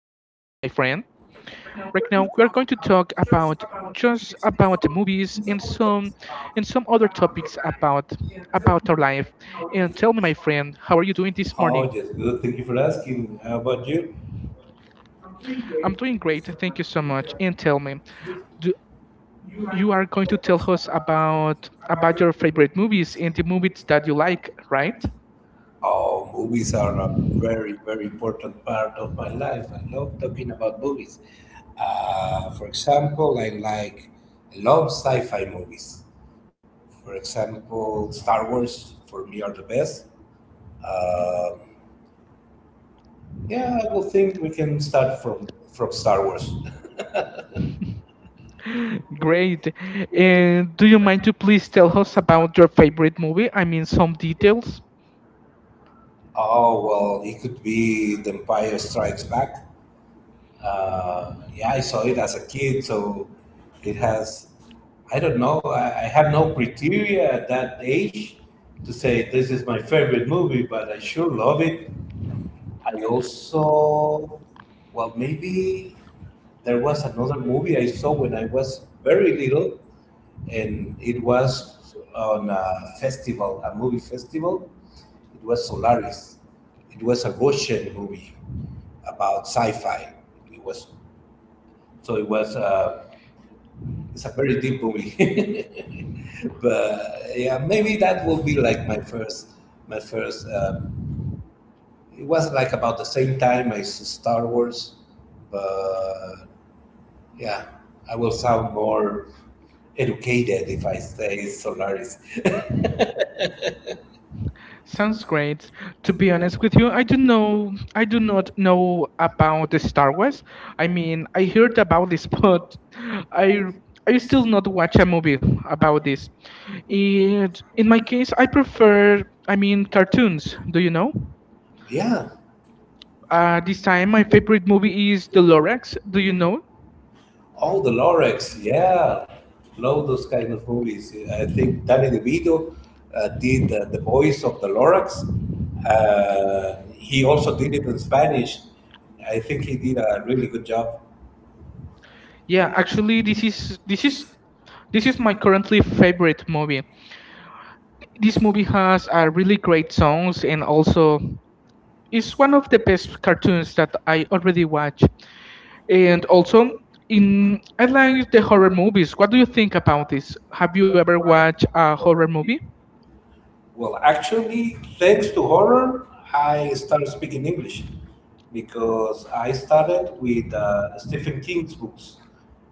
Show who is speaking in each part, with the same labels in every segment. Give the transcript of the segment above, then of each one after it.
Speaker 1: about just about the movies and some other topics about our life. And tell me, my friend, how are you doing this morning?
Speaker 2: Oh, just good. Thank you for asking. How about you?
Speaker 1: I'm doing great. Thank you so much. And tell me, do you are going to tell us about your favorite movies and the movies that you like, right?
Speaker 2: Oh, movies are a very, very important part of my life. I love talking about movies. For example, I love sci-fi movies. For example, Star Wars for me are the best. Uh, yeah, I will think we can start from Star Wars.
Speaker 1: Great. And do you mind to please tell us about your favorite movie? I mean, some details.
Speaker 2: Oh well, it could be The Empire Strikes Back. Yeah, I saw it as a kid, so it has. I don't know. I have no criteria at that age to say this is my favorite movie, but I sure love it. I also, well, maybe there was another movie I saw when I was very little, and it was on a festival, a movie festival. It was Solaris. It was a Russian movie about sci-fi. It was it was it's a very deep movie, but yeah, maybe that will be like my first. It was like about the same time as Star Wars, but yeah, I will sound more educated if I say Solaris.
Speaker 1: Sounds great. To be honest with you, I don't know. I do not know about the Star Wars. I mean, I heard about this, but I I still not watch a movie about this. And in my case, I prefer. I mean, cartoons. Do you know?
Speaker 2: Yeah,
Speaker 1: This time, my favorite movie is The Lorax. Do you know?
Speaker 2: all the Lorex, yeah, love those kind of movies. I think Danny DeVito did the voice of the Lorax. He also did it in Spanish. I think he did a really good job.
Speaker 1: Yeah, actually, this is my currently favorite movie. This movie has a really great songs and also is one of the best cartoons that I already watch. And also, in I like the horror movies. What do you think about this? Have you ever watched a horror movie?
Speaker 2: Well, actually, thanks to horror, I started speaking English because I started with Stephen King's books.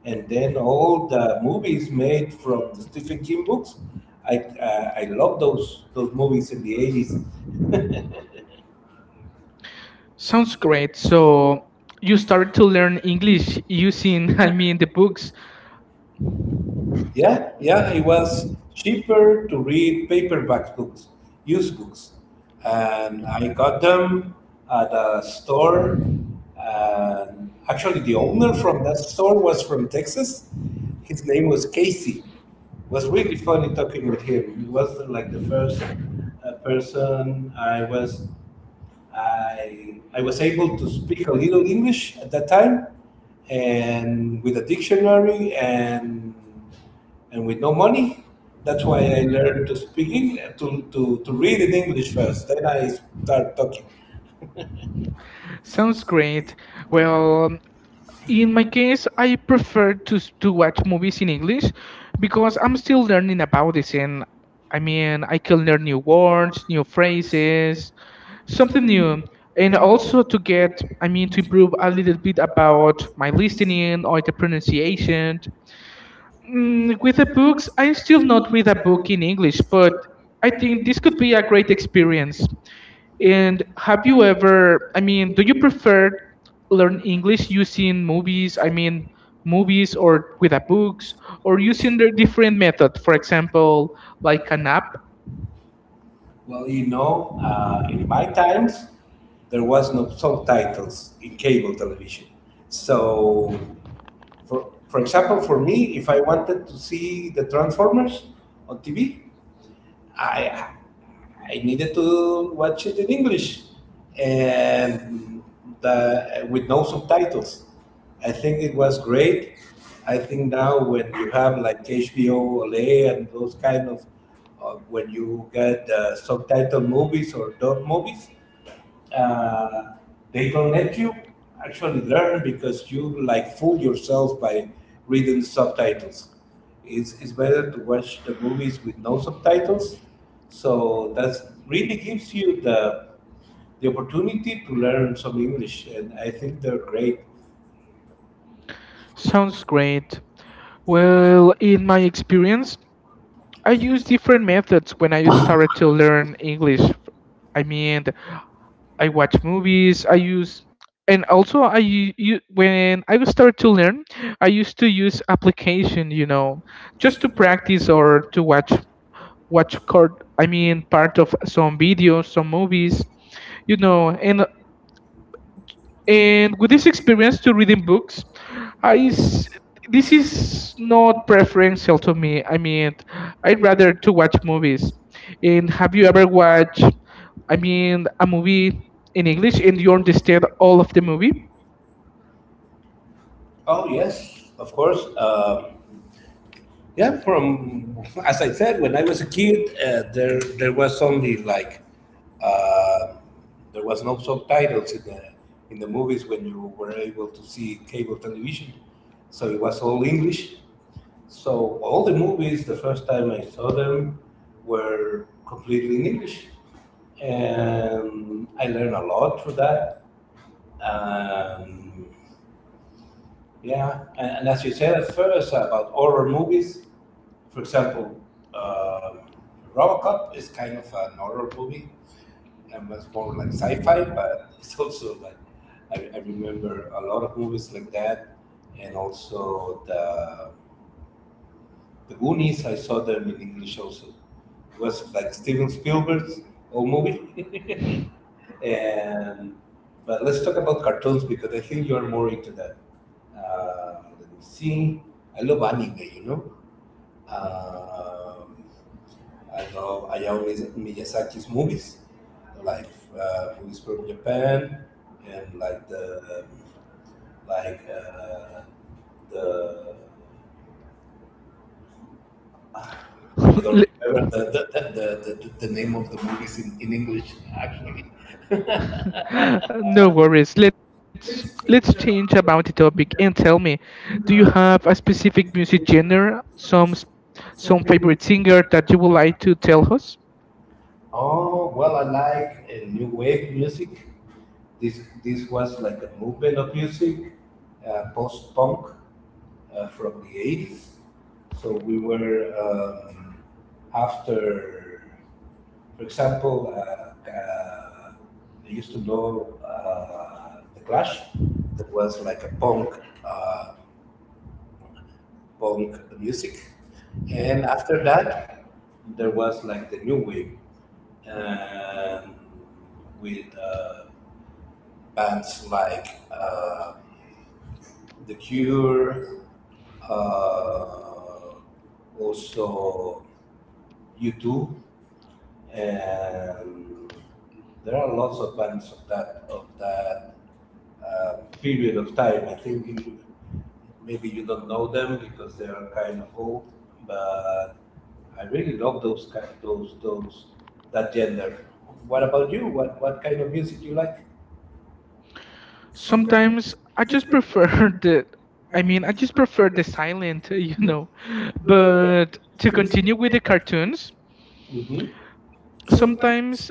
Speaker 2: And then all the movies made from the Stephen King books, I love those movies in the 80s.
Speaker 1: Sounds great. So you started to learn English using, I mean, the books.
Speaker 2: Yeah, yeah, it was cheaper to read paperback books, used books. And I got them at a store. And actually, the owner from that store was from Texas. His name was Casey. It was really funny talking with him. He was like the first person I was. I was able to speak a little English at that time, and with a dictionary and with no money. That's why I learned to speak English, to read in English first. Then I start talking.
Speaker 1: Sounds great. Well, in my case, I prefer to watch movies in English because I'm still learning about this, and I mean, I can learn new words, new phrases, something new, and also to get, I mean, to improve a little bit about my listening or the pronunciation. With the books, I still not read a book in English, but I think this could be a great experience. And have you ever, I mean, do you prefer learn English using movies? I mean, movies or with a books or using the different method, for example, like an app?
Speaker 2: Well, you know, in my times, there was no subtitles in cable television. So, for example, for me, if I wanted to see the Transformers on TV, I I needed to watch it in English and with no subtitles. I think it was great. I think now when you have like HBO Olay and those kind of, when you get subtitle movies or dub movies, uh, they don't let you actually learn because you like fool yourself by reading the subtitles. It's better to watch the movies with no subtitles. So that really gives you the opportunity to learn some English, and I think they're great.
Speaker 1: Sounds great. Well, in my experience, I use different methods when I started to learn English. I mean, I watch movies. I use and also when I started to learn, I used to use application, just to practice or to watch card. I mean, part of some videos, some movies, you know, and and with this experience to reading books i s- this is not preferential to me. I mean, I'd rather to watch movies. And have you ever, watched I mean, a movie in English and you understand all of the movie?
Speaker 2: Oh yes, of course. Yeah, from, as I said, when I was a kid, there was only like uh, there was no subtitles in the movies when you were able to see cable television, so it was all English. So all the movies, the first time I saw them, were completely in English, and I learned a lot through that. Um, and as you said at first about horror movies, for example, um Robocop is kind of an horror movie, and was more like sci-fi, but it's also like. I remember a lot of movies like that, and also the Goonies. I saw them in English also. It was like Steven Spielberg's old movie, and but let's talk about cartoons because I think you are more into that. Let me see. I love anime, you know. Um, I love Hayao Miyazaki's movies, like movies from Japan and like the like uh, the. I don't
Speaker 1: Le-
Speaker 2: remember the the name of the movies in English actually.
Speaker 1: no worries, let's change about the topic. And tell me, do you have a specific music genre, some favorite singer that you would like to tell us?
Speaker 2: Oh, well, I like new wave music. This was like a movement of music, post punk from the 80s. So we were after, for example, I used to know the Clash. That was like a punk uh, punk music. And after that, there was like the new wave and with bands like The Cure, uh, also U2, and there are lots of bands of that uh, period of time. I think maybe you don't know them because they are kind of old, but I really love those kind, those that gender. What about you? What kind of music you like?
Speaker 1: Sometimes I just prefer the I mean, I just prefer the silent, you know. But to continue with the cartoons,
Speaker 2: Mm-hmm.
Speaker 1: sometimes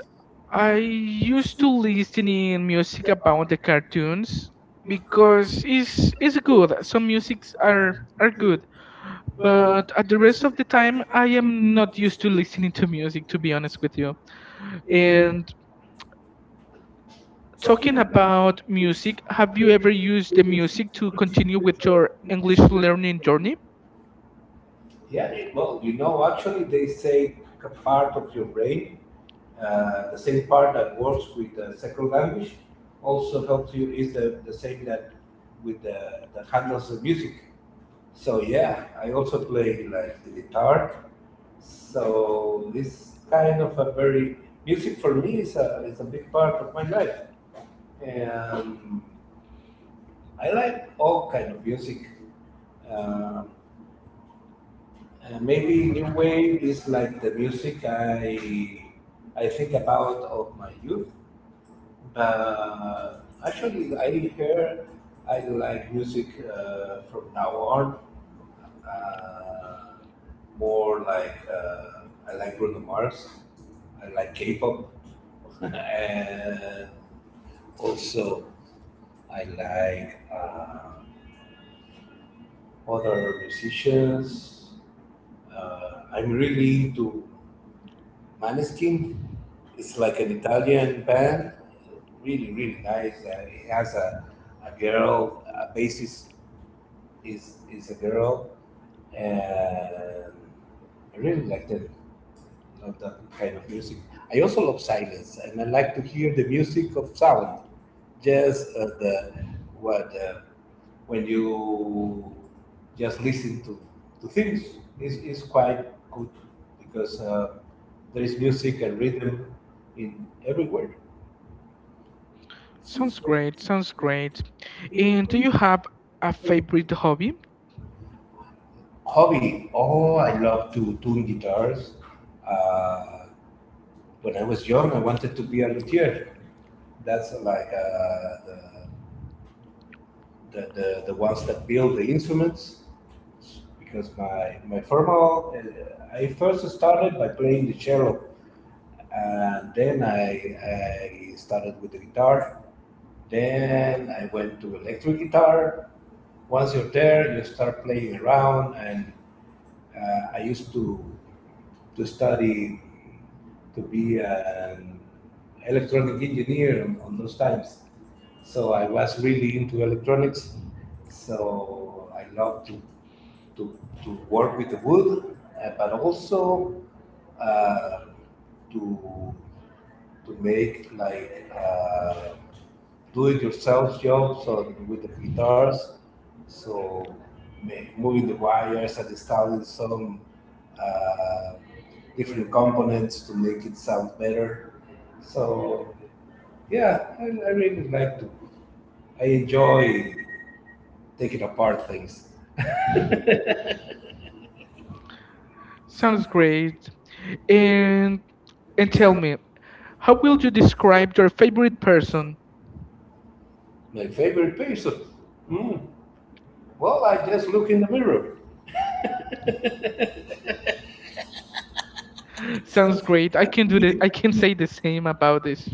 Speaker 1: I used to listen in music about the cartoons because it's good. Some musics are good, but at the rest of the time I am not used to listening to music, to be honest with you. And talking about music, have you ever used the music to continue with your English learning journey?
Speaker 2: Yeah, well, you know, actually, they say pick a part of your brain, the same part that works with the second language, also helps you is the, same that with the that handles the music. So yeah, I also play like the guitar. So it's kind of a very. Music for me is a big part of my life. Um, I like all kind of music. Um, maybe new wave is like the music I think about of my youth. But actually, I hear I like music from now on. Uh, more like I like Bruno Mars. I like K-pop, and also I like. Other musicians. I'm really into Maneskin. It's like an Italian band. Really, really nice. It has a girl, a bassist is a girl. And I really like them. Love that kind of music. I also love silence, and I like to hear the music of sound. Just the what when you just listen to things is. Is quite good because there is music and rhythm in everywhere.
Speaker 1: Sounds great, sounds great. And do you have a favorite hobby?
Speaker 2: Hobby. Oh, I love to tune guitars. Uh, when I was young, I wanted to be a luthier. That's like the the ones that build the instruments because my. My formal I first started by playing the cello and then I started with the guitar, then I went to electric guitar, once you're there you start playing around and I used to study to be an electronic engineer on those times. So I was really into electronics. So I love to to, work with the wood, but also uh, to make like do-it-yourself jobs or with the guitars. So moving the wires and installing some uh, different components to make it sound better. So yeah, I really like to. I enjoy taking apart things.
Speaker 1: Sounds great. And and tell me, how will you describe your favorite person?
Speaker 2: My favorite person. Hmm. Well, I just look in the mirror.
Speaker 1: Sounds great. I can say the same about this.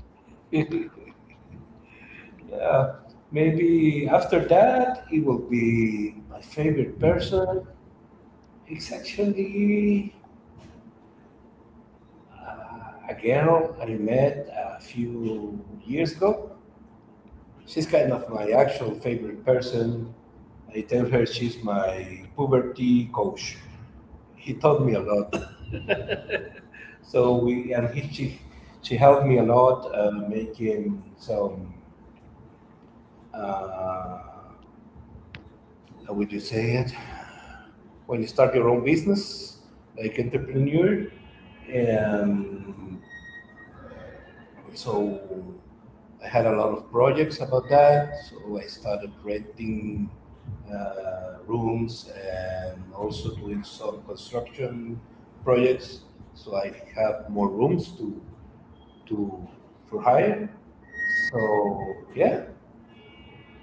Speaker 2: Yeah, maybe after that it will be my favorite person. It's actually. A girl I met a few years ago. She's kind of my actual favorite person. I tell her she's my puberty coach. He taught me a lot. So we and he, she helped me a lot making some uh, how would you say it when you start your own business, like entrepreneur. And. So I had a lot of projects about that. So I started renting rooms and also doing some construction projects. So I have more rooms to to for hire. So yeah.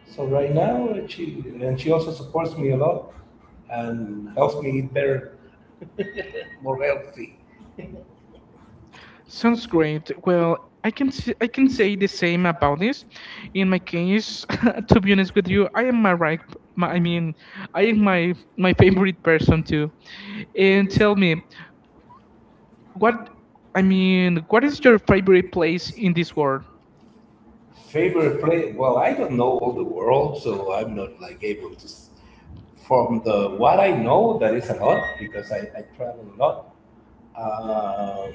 Speaker 2: So right now she also supports me a lot and helps me eat better, more healthy.
Speaker 1: Sounds great. Well, I can say the same about this. In my case, to be honest with you, I am my right. My, I mean, I am my favorite person too. And tell me, What I mean, what is your favorite place in this world?
Speaker 2: Favorite place? Well, I don't know all the world, so I'm not like able to. From the what I know, that is a lot because I travel a lot. Um,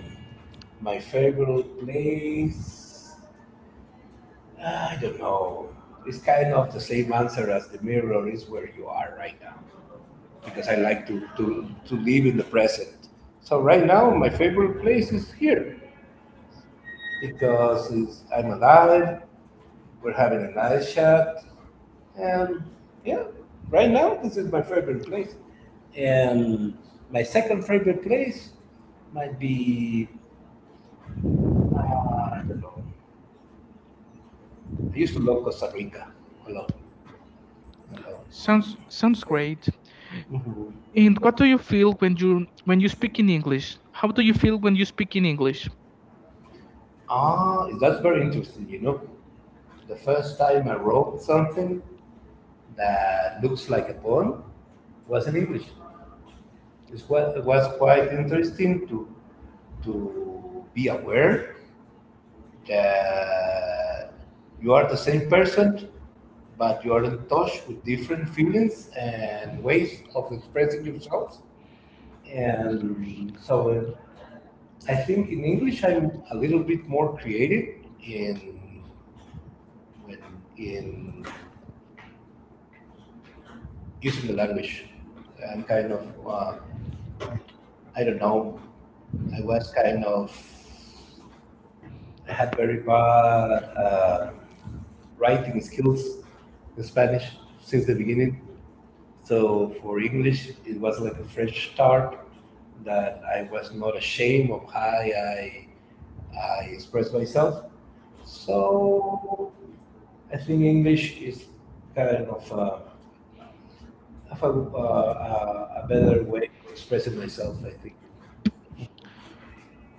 Speaker 2: my favorite place, I don't know. It's kind of the same answer as the mirror is where you are right now, because I like to to live in the present. So right now, my favorite place is here because it's, I'm alive. We're having a nice chat, and yeah, right now this is my favorite place. And my second favorite place might be I don't know. I used to love Costa Rica a lot, a lot.
Speaker 1: Sounds great.
Speaker 2: Mhm.
Speaker 1: And what do you feel when you speak in English? How do you feel when you speak in English?
Speaker 2: Ah, that's very interesting. You know, the first time I wrote something that looks like a poem was in English. It was quite interesting to be aware that you are the same person, but you are in touch with different feelings and ways of expressing yourself. And so I think in English I'm a little bit more creative in when in using the language. I'm kind of uh, I don't know. I was kind of. I had very bad uh, writing skills in Spanish since the beginning. So for English, it was like a fresh start that I was not ashamed of how I expressed myself. So I think English is kind of a, a better way of expressing myself, I think.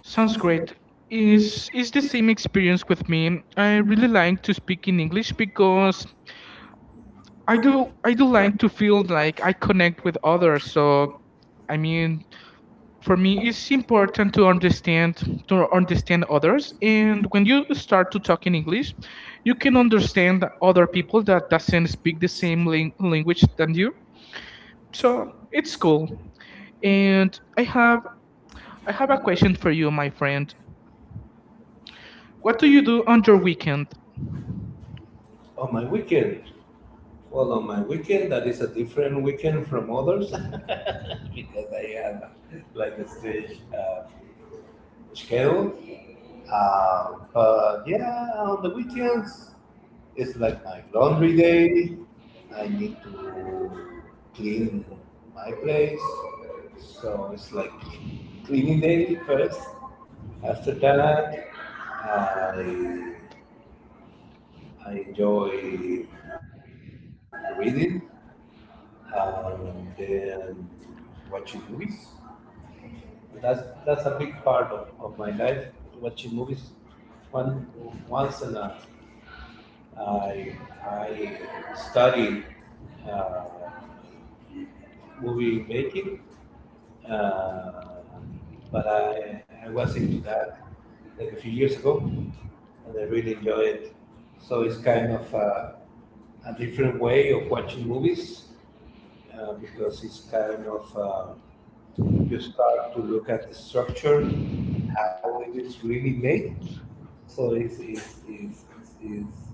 Speaker 1: Sounds great. Is the same experience with me. I really like to speak in English because I do like to feel like I connect with others. So I mean, for me it's important to understand others, and when you start to talk in English you can understand other people that doesn't speak the same language than you, so it's cool. And I have a question for you, my friend. What do you do on your weekend?
Speaker 2: On my weekend, well, on my weekend, that is a different weekend from others. Because I had like a stage schedule. But yeah, on the weekends, it's like my laundry day. I need to clean my place. So it's like cleaning day first. After that, I, I enjoy reading, then watching movies. That's a big part of my life. Watching movies one once a night. I I study uh, movie making, uh, but I was into that like a few years ago, and I really enjoy it. So it's kind of a different way of watching movies, because it's kind of, you start to look at the structure how it is really made. So it's, it's, it's, it's, it's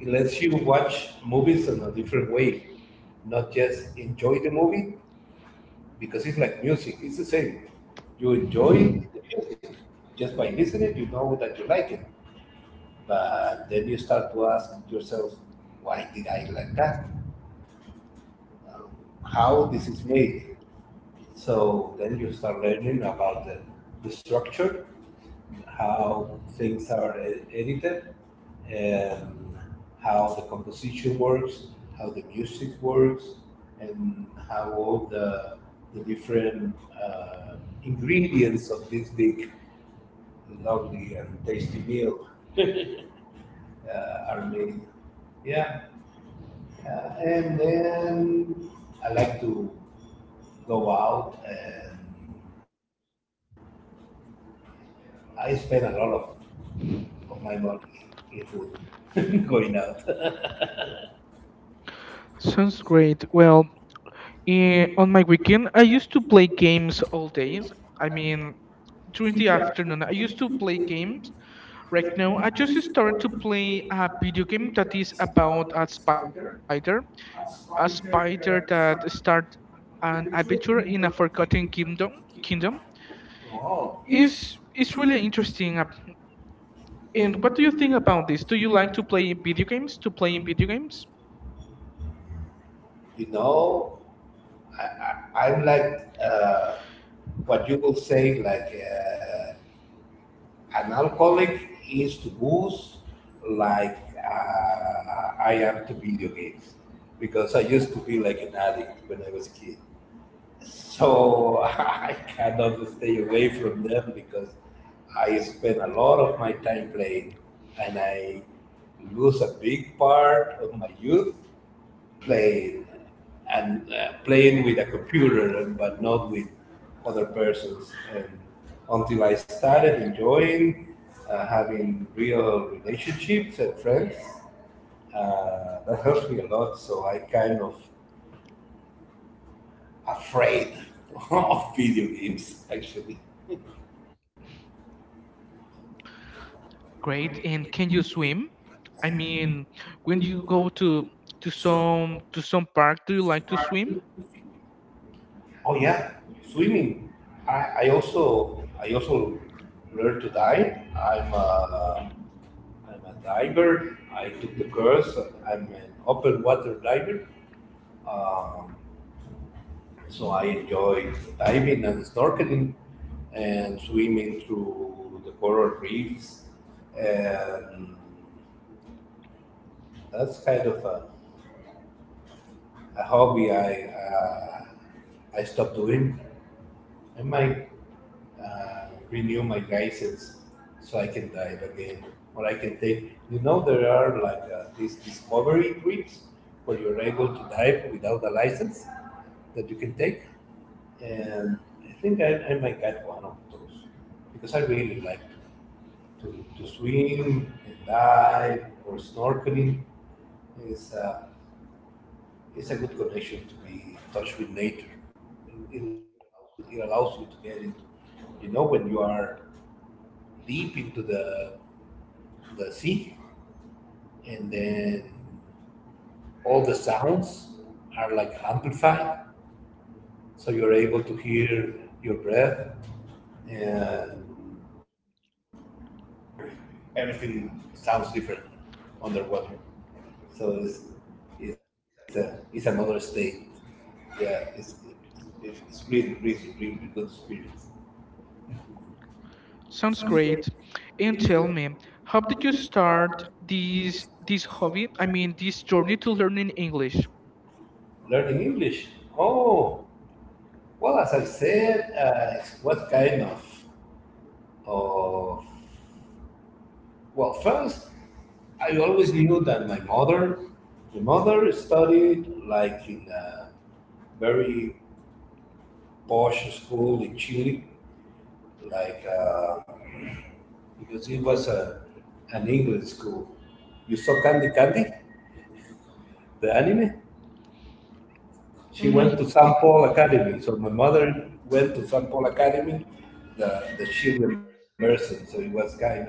Speaker 2: it lets you watch movies in a different way, not just enjoy the movie because it's like music. It's the same. You enjoy the music just by listening. You know that you like it, but then you start to ask yourself, why did I like that? Um, how this is made? So then you start learning about the structure how things are edited, and how the composition works, how the music works, and how all the different uh, ingredients of this big, lovely, and tasty meal, are made. Yeah, uh, and then I like to go out, and I spend a lot of my money in food going out.
Speaker 1: Sounds great. Well, on my weekend I used to play games all days. I mean, during the afternoon I used to play games. Right now, I just started to play a video game that is about a spider that start an adventure in a forgotten kingdom. Kingdom
Speaker 2: Oh,
Speaker 1: is really interesting. And what do you think about this? Do you like to play video games? To play in video games?
Speaker 2: you know, I, I'm like, what you will say, like, an alcoholic is to booze, like, I am to video games, because I used to be like an addict when I was a kid. So I kind of stay away from them because I spend a lot of my time playing, and I lose a big part of my youth playing, and playing with a computer but not with other persons, and until I started enjoying, having real relationships and friends, that helps me a lot, so I kind of afraid of video games actually.
Speaker 1: Great. And can you swim? I mean, when you go to some park, do you like to swim?
Speaker 2: Oh yeah, swimming. I also learned to dive. I'm a diver. I took the course. I'm an open water diver. Um, so I enjoy diving and snorkeling and swimming through the coral reefs, and that's kind of a hobby I stopped doing. I might renew my license so I can dive again, or I can take. There are like, these discovery trips where you're able to dive without a license that you can take, and I think I might get one of those because I really like to swim and dive or snorkeling is. It's a good connection to be in touch with nature. It allows you to get into, when you are deep into the sea, and then all the sounds are like amplified. So you're able to hear your breath and everything sounds different underwater. So it's another state. Yeah, it's really, really, really good experience.
Speaker 1: Sounds great. And tell me, how did you start this hobby? I mean, this journey to learning English.
Speaker 2: Learning English? Oh, well, as I said, what kind of, well, first, I always knew that my mother studied like in a very posh school in Chile, like, because it was an English school. You saw Candy Candy, the anime? She
Speaker 1: Mm, y-
Speaker 2: went to St. Paul Academy. So my mother went to St. Paul Academy, the children person. So it was kind of a,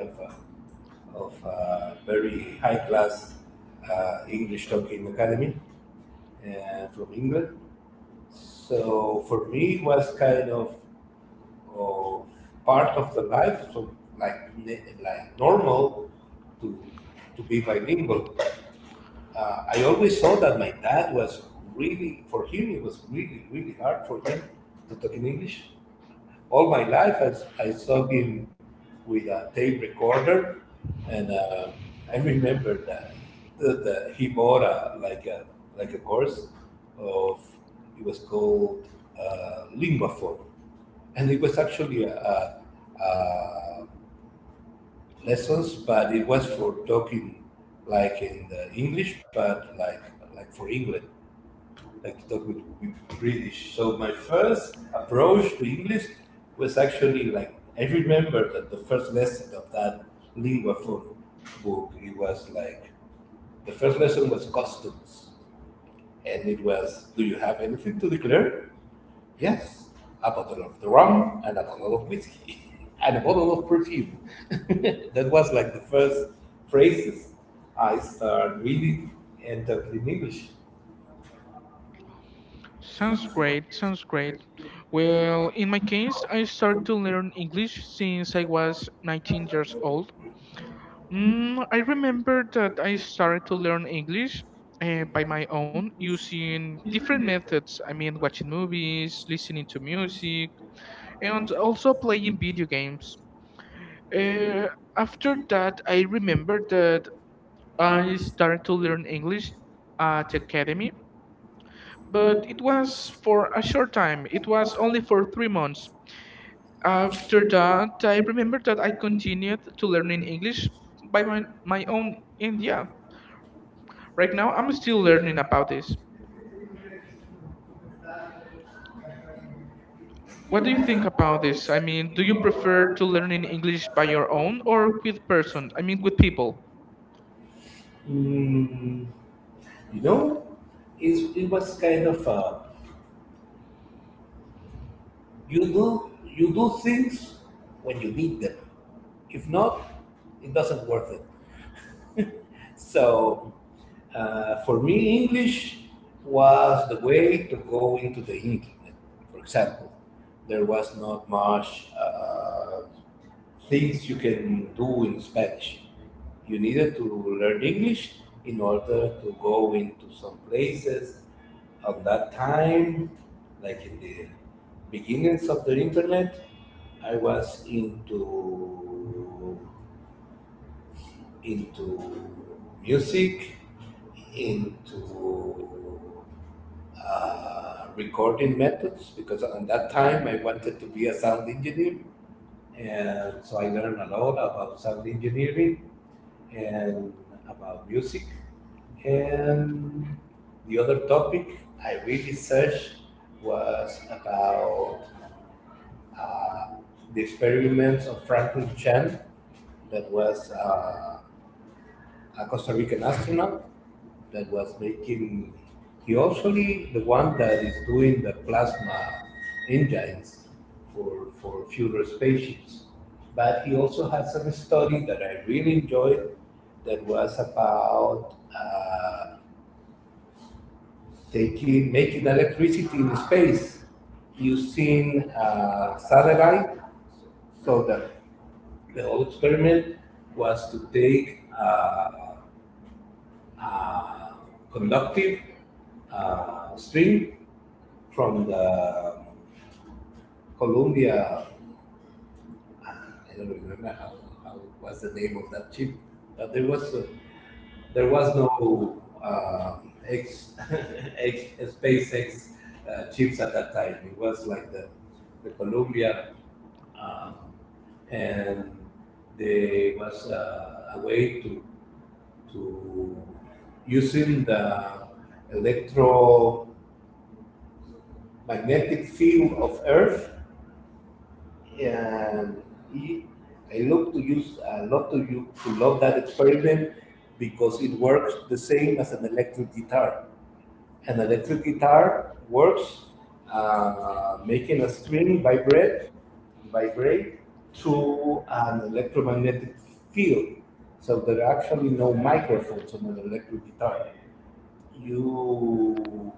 Speaker 2: of a very high class, English talking academy, from England. So for me, it was kind of part of the life. So like normal to to be bilingual. I always thought that my dad was really, for him, it was really, really hard for him to talk in English. All my life, I saw him with a tape recorder, and I remember that he bought a, like a like a course of it was called, Lingua Forum, and it was actually a, lessons, but it was for talking, like in the English, but like for England, like to talk with British. So my first approach to English was actually like I remember that the first lesson of that Lingua Franca book. It was like the first lesson was customs, and it was, do you have anything to declare? Yes, a bottle of the rum and a bottle of whiskey and a bottle of perfume. That was like the first phrases I started reading and talking in English.
Speaker 1: Sounds great. Sounds great. Well, in my case, I started to learn English since I was 19 years old. I remember that I started to learn English by my own using different methods. I mean, watching movies, listening to music, and also playing video games. Uh, after that, I remember that I started to learn English at the academy, but it was for a short time. It was only for 3 months. After that, I remember that I continued to learning English by my own India. Right now, I'm still learning about this. What do you think about this? I mean, do you prefer to learn in English by your own or with person? I mean, with people.
Speaker 2: Mm, you know, it was kind of, you do things when you need them. If not, it doesn't worth it. So for me, English was the way to go into the internet. For example, there was not much things you can do in Spanish. You needed to learn English in order to go into some places. At that time, like in the beginnings of the internet, I was into music, into, recording methods, because at that time I wanted to be a sound engineer. And so I learned a lot about sound engineering and about music. And the other topic I really searched was about, uh, the experiments of Franklin Chan, that was, a Costa Rican astronaut that was making. He also the one that is doing the plasma engines for future spaceships. But he also had some study that I really enjoyed that was about, taking making electricity in space using a satellite. So the whole experiment was to take, uh, conductive, stream from the Columbia. I don't remember how was the name of that chip, but there was, there was no X SpaceX chips at that time. It was like the Columbia, um, and there was, a way to using the electro magnetic field of Earth, and I love to love that experiment because it works the same as an electric guitar. An electric guitar works, making a string vibrate through an electromagnetic field. So there are actually no microphones on an electric guitar. You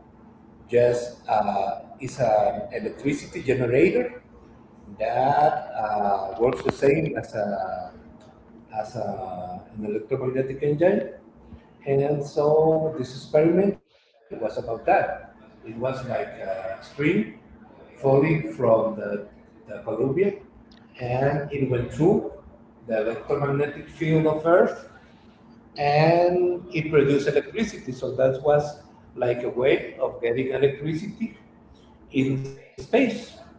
Speaker 2: just, is an electricity generator that, works the same as an electromagnetic engine. And so this experiment was about that. It was like a stream falling from the Columbia, and it went through the electromagnetic field of Earth, and it produced electricity. So that was like a way of getting electricity in space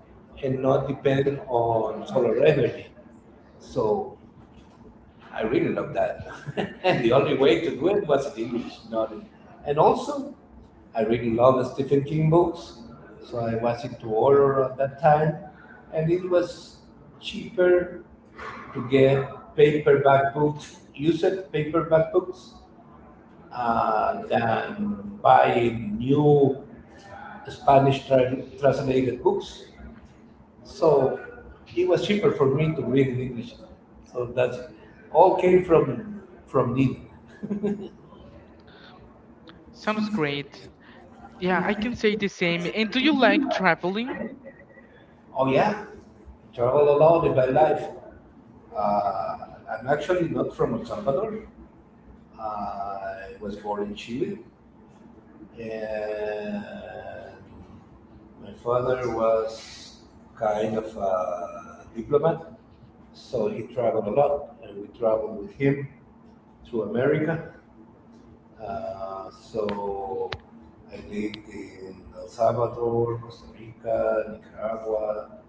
Speaker 2: and not depend on solar energy. So I really love that. And the only way to do it was in English, not in. And also, I really love the Stephen King books, so I was into horror at that time, and it was cheaper to get paperback books, used paperback books, than buying new Spanish translated books. So it was cheaper for me to read in English. So that's all came from need.
Speaker 1: Sounds great. Yeah, I can say the same. And do you like traveling?
Speaker 2: Oh yeah, travel a lot in my life. Uh, I'm actually not from El Salvador. I was born in Chile, and my father was kind of a diplomat, so he traveled a lot, and we traveled with him through America. So I lived in El Salvador, Costa Rica, Nicaragua,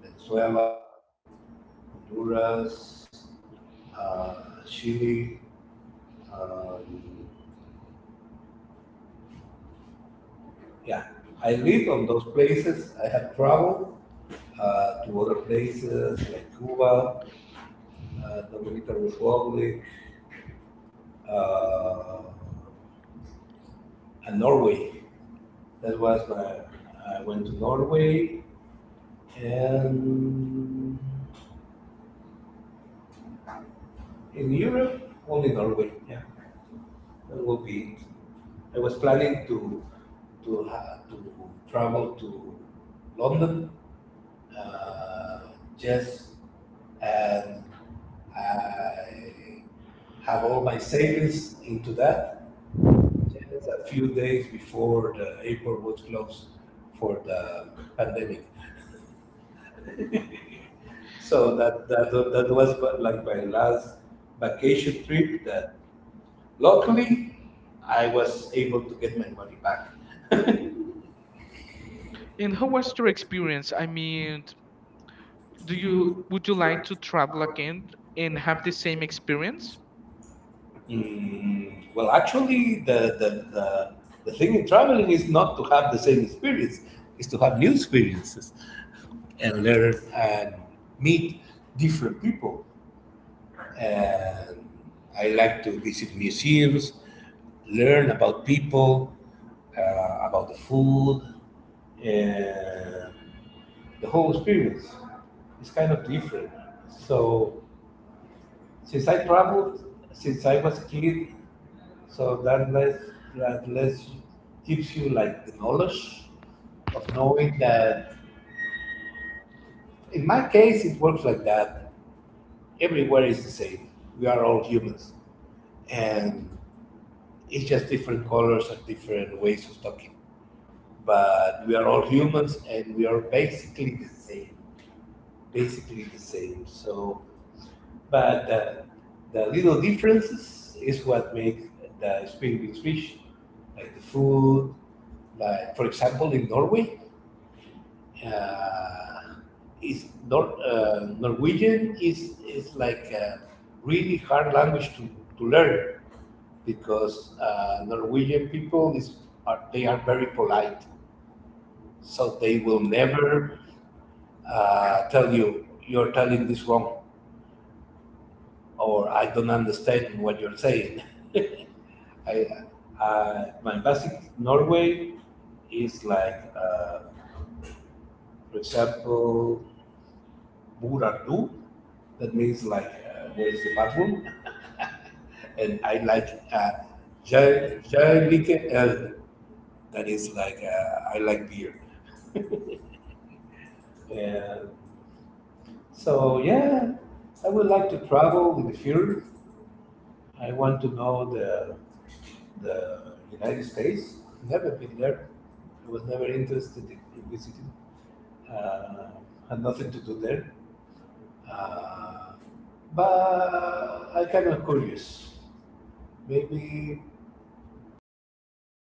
Speaker 2: Venezuela, Honduras, Chile. Um, yeah, I lived on those places. I have traveled, to other places like Cuba, Dominican Republic, uh, and Norway. That was my. I went to Norway and in Europe, only Norway. Yeah, that will be it. I was planning to travel to London, uh, just and I have all my savings into that. Just a few days before the airport was closed for the pandemic, so that was like my last vacation trip that luckily, I was able to get my money back.
Speaker 1: And how was your experience? I mean, do you would you like to travel again and have the same experience?
Speaker 2: Well, actually, the thing in traveling is not to have the same experience, is to have new experiences and learn and meet different people. And I like to visit museums, learn about people, uh, about the food, and the whole experience is kind of different. So since I traveled since I was kid, so that less gives you like the knowledge of knowing that. In my case, it works like that. Everywhere is the same. We are all humans, and it's just different colors and different ways of talking. But we are all humans, and we are basically the same. Basically the same. So, but the little differences is what make the spring beans rich, like the food. Like for example, in Norway, uh, is Norwegian is like a really hard language to learn because, Norwegian people they are very polite, so they will never, tell you you're telling this wrong or I don't understand what you're saying. I, my basic Norway is like, for example, Burardu. That means like, where is the bathroom? And I like, Jij Jij El. That is like, I like beer. And so, yeah, I would like to travel in the future. I want to know the United States. Never been there. I was never interested in visiting. Uh, had nothing to do there. Uh, but I kind of curious. Maybe uh,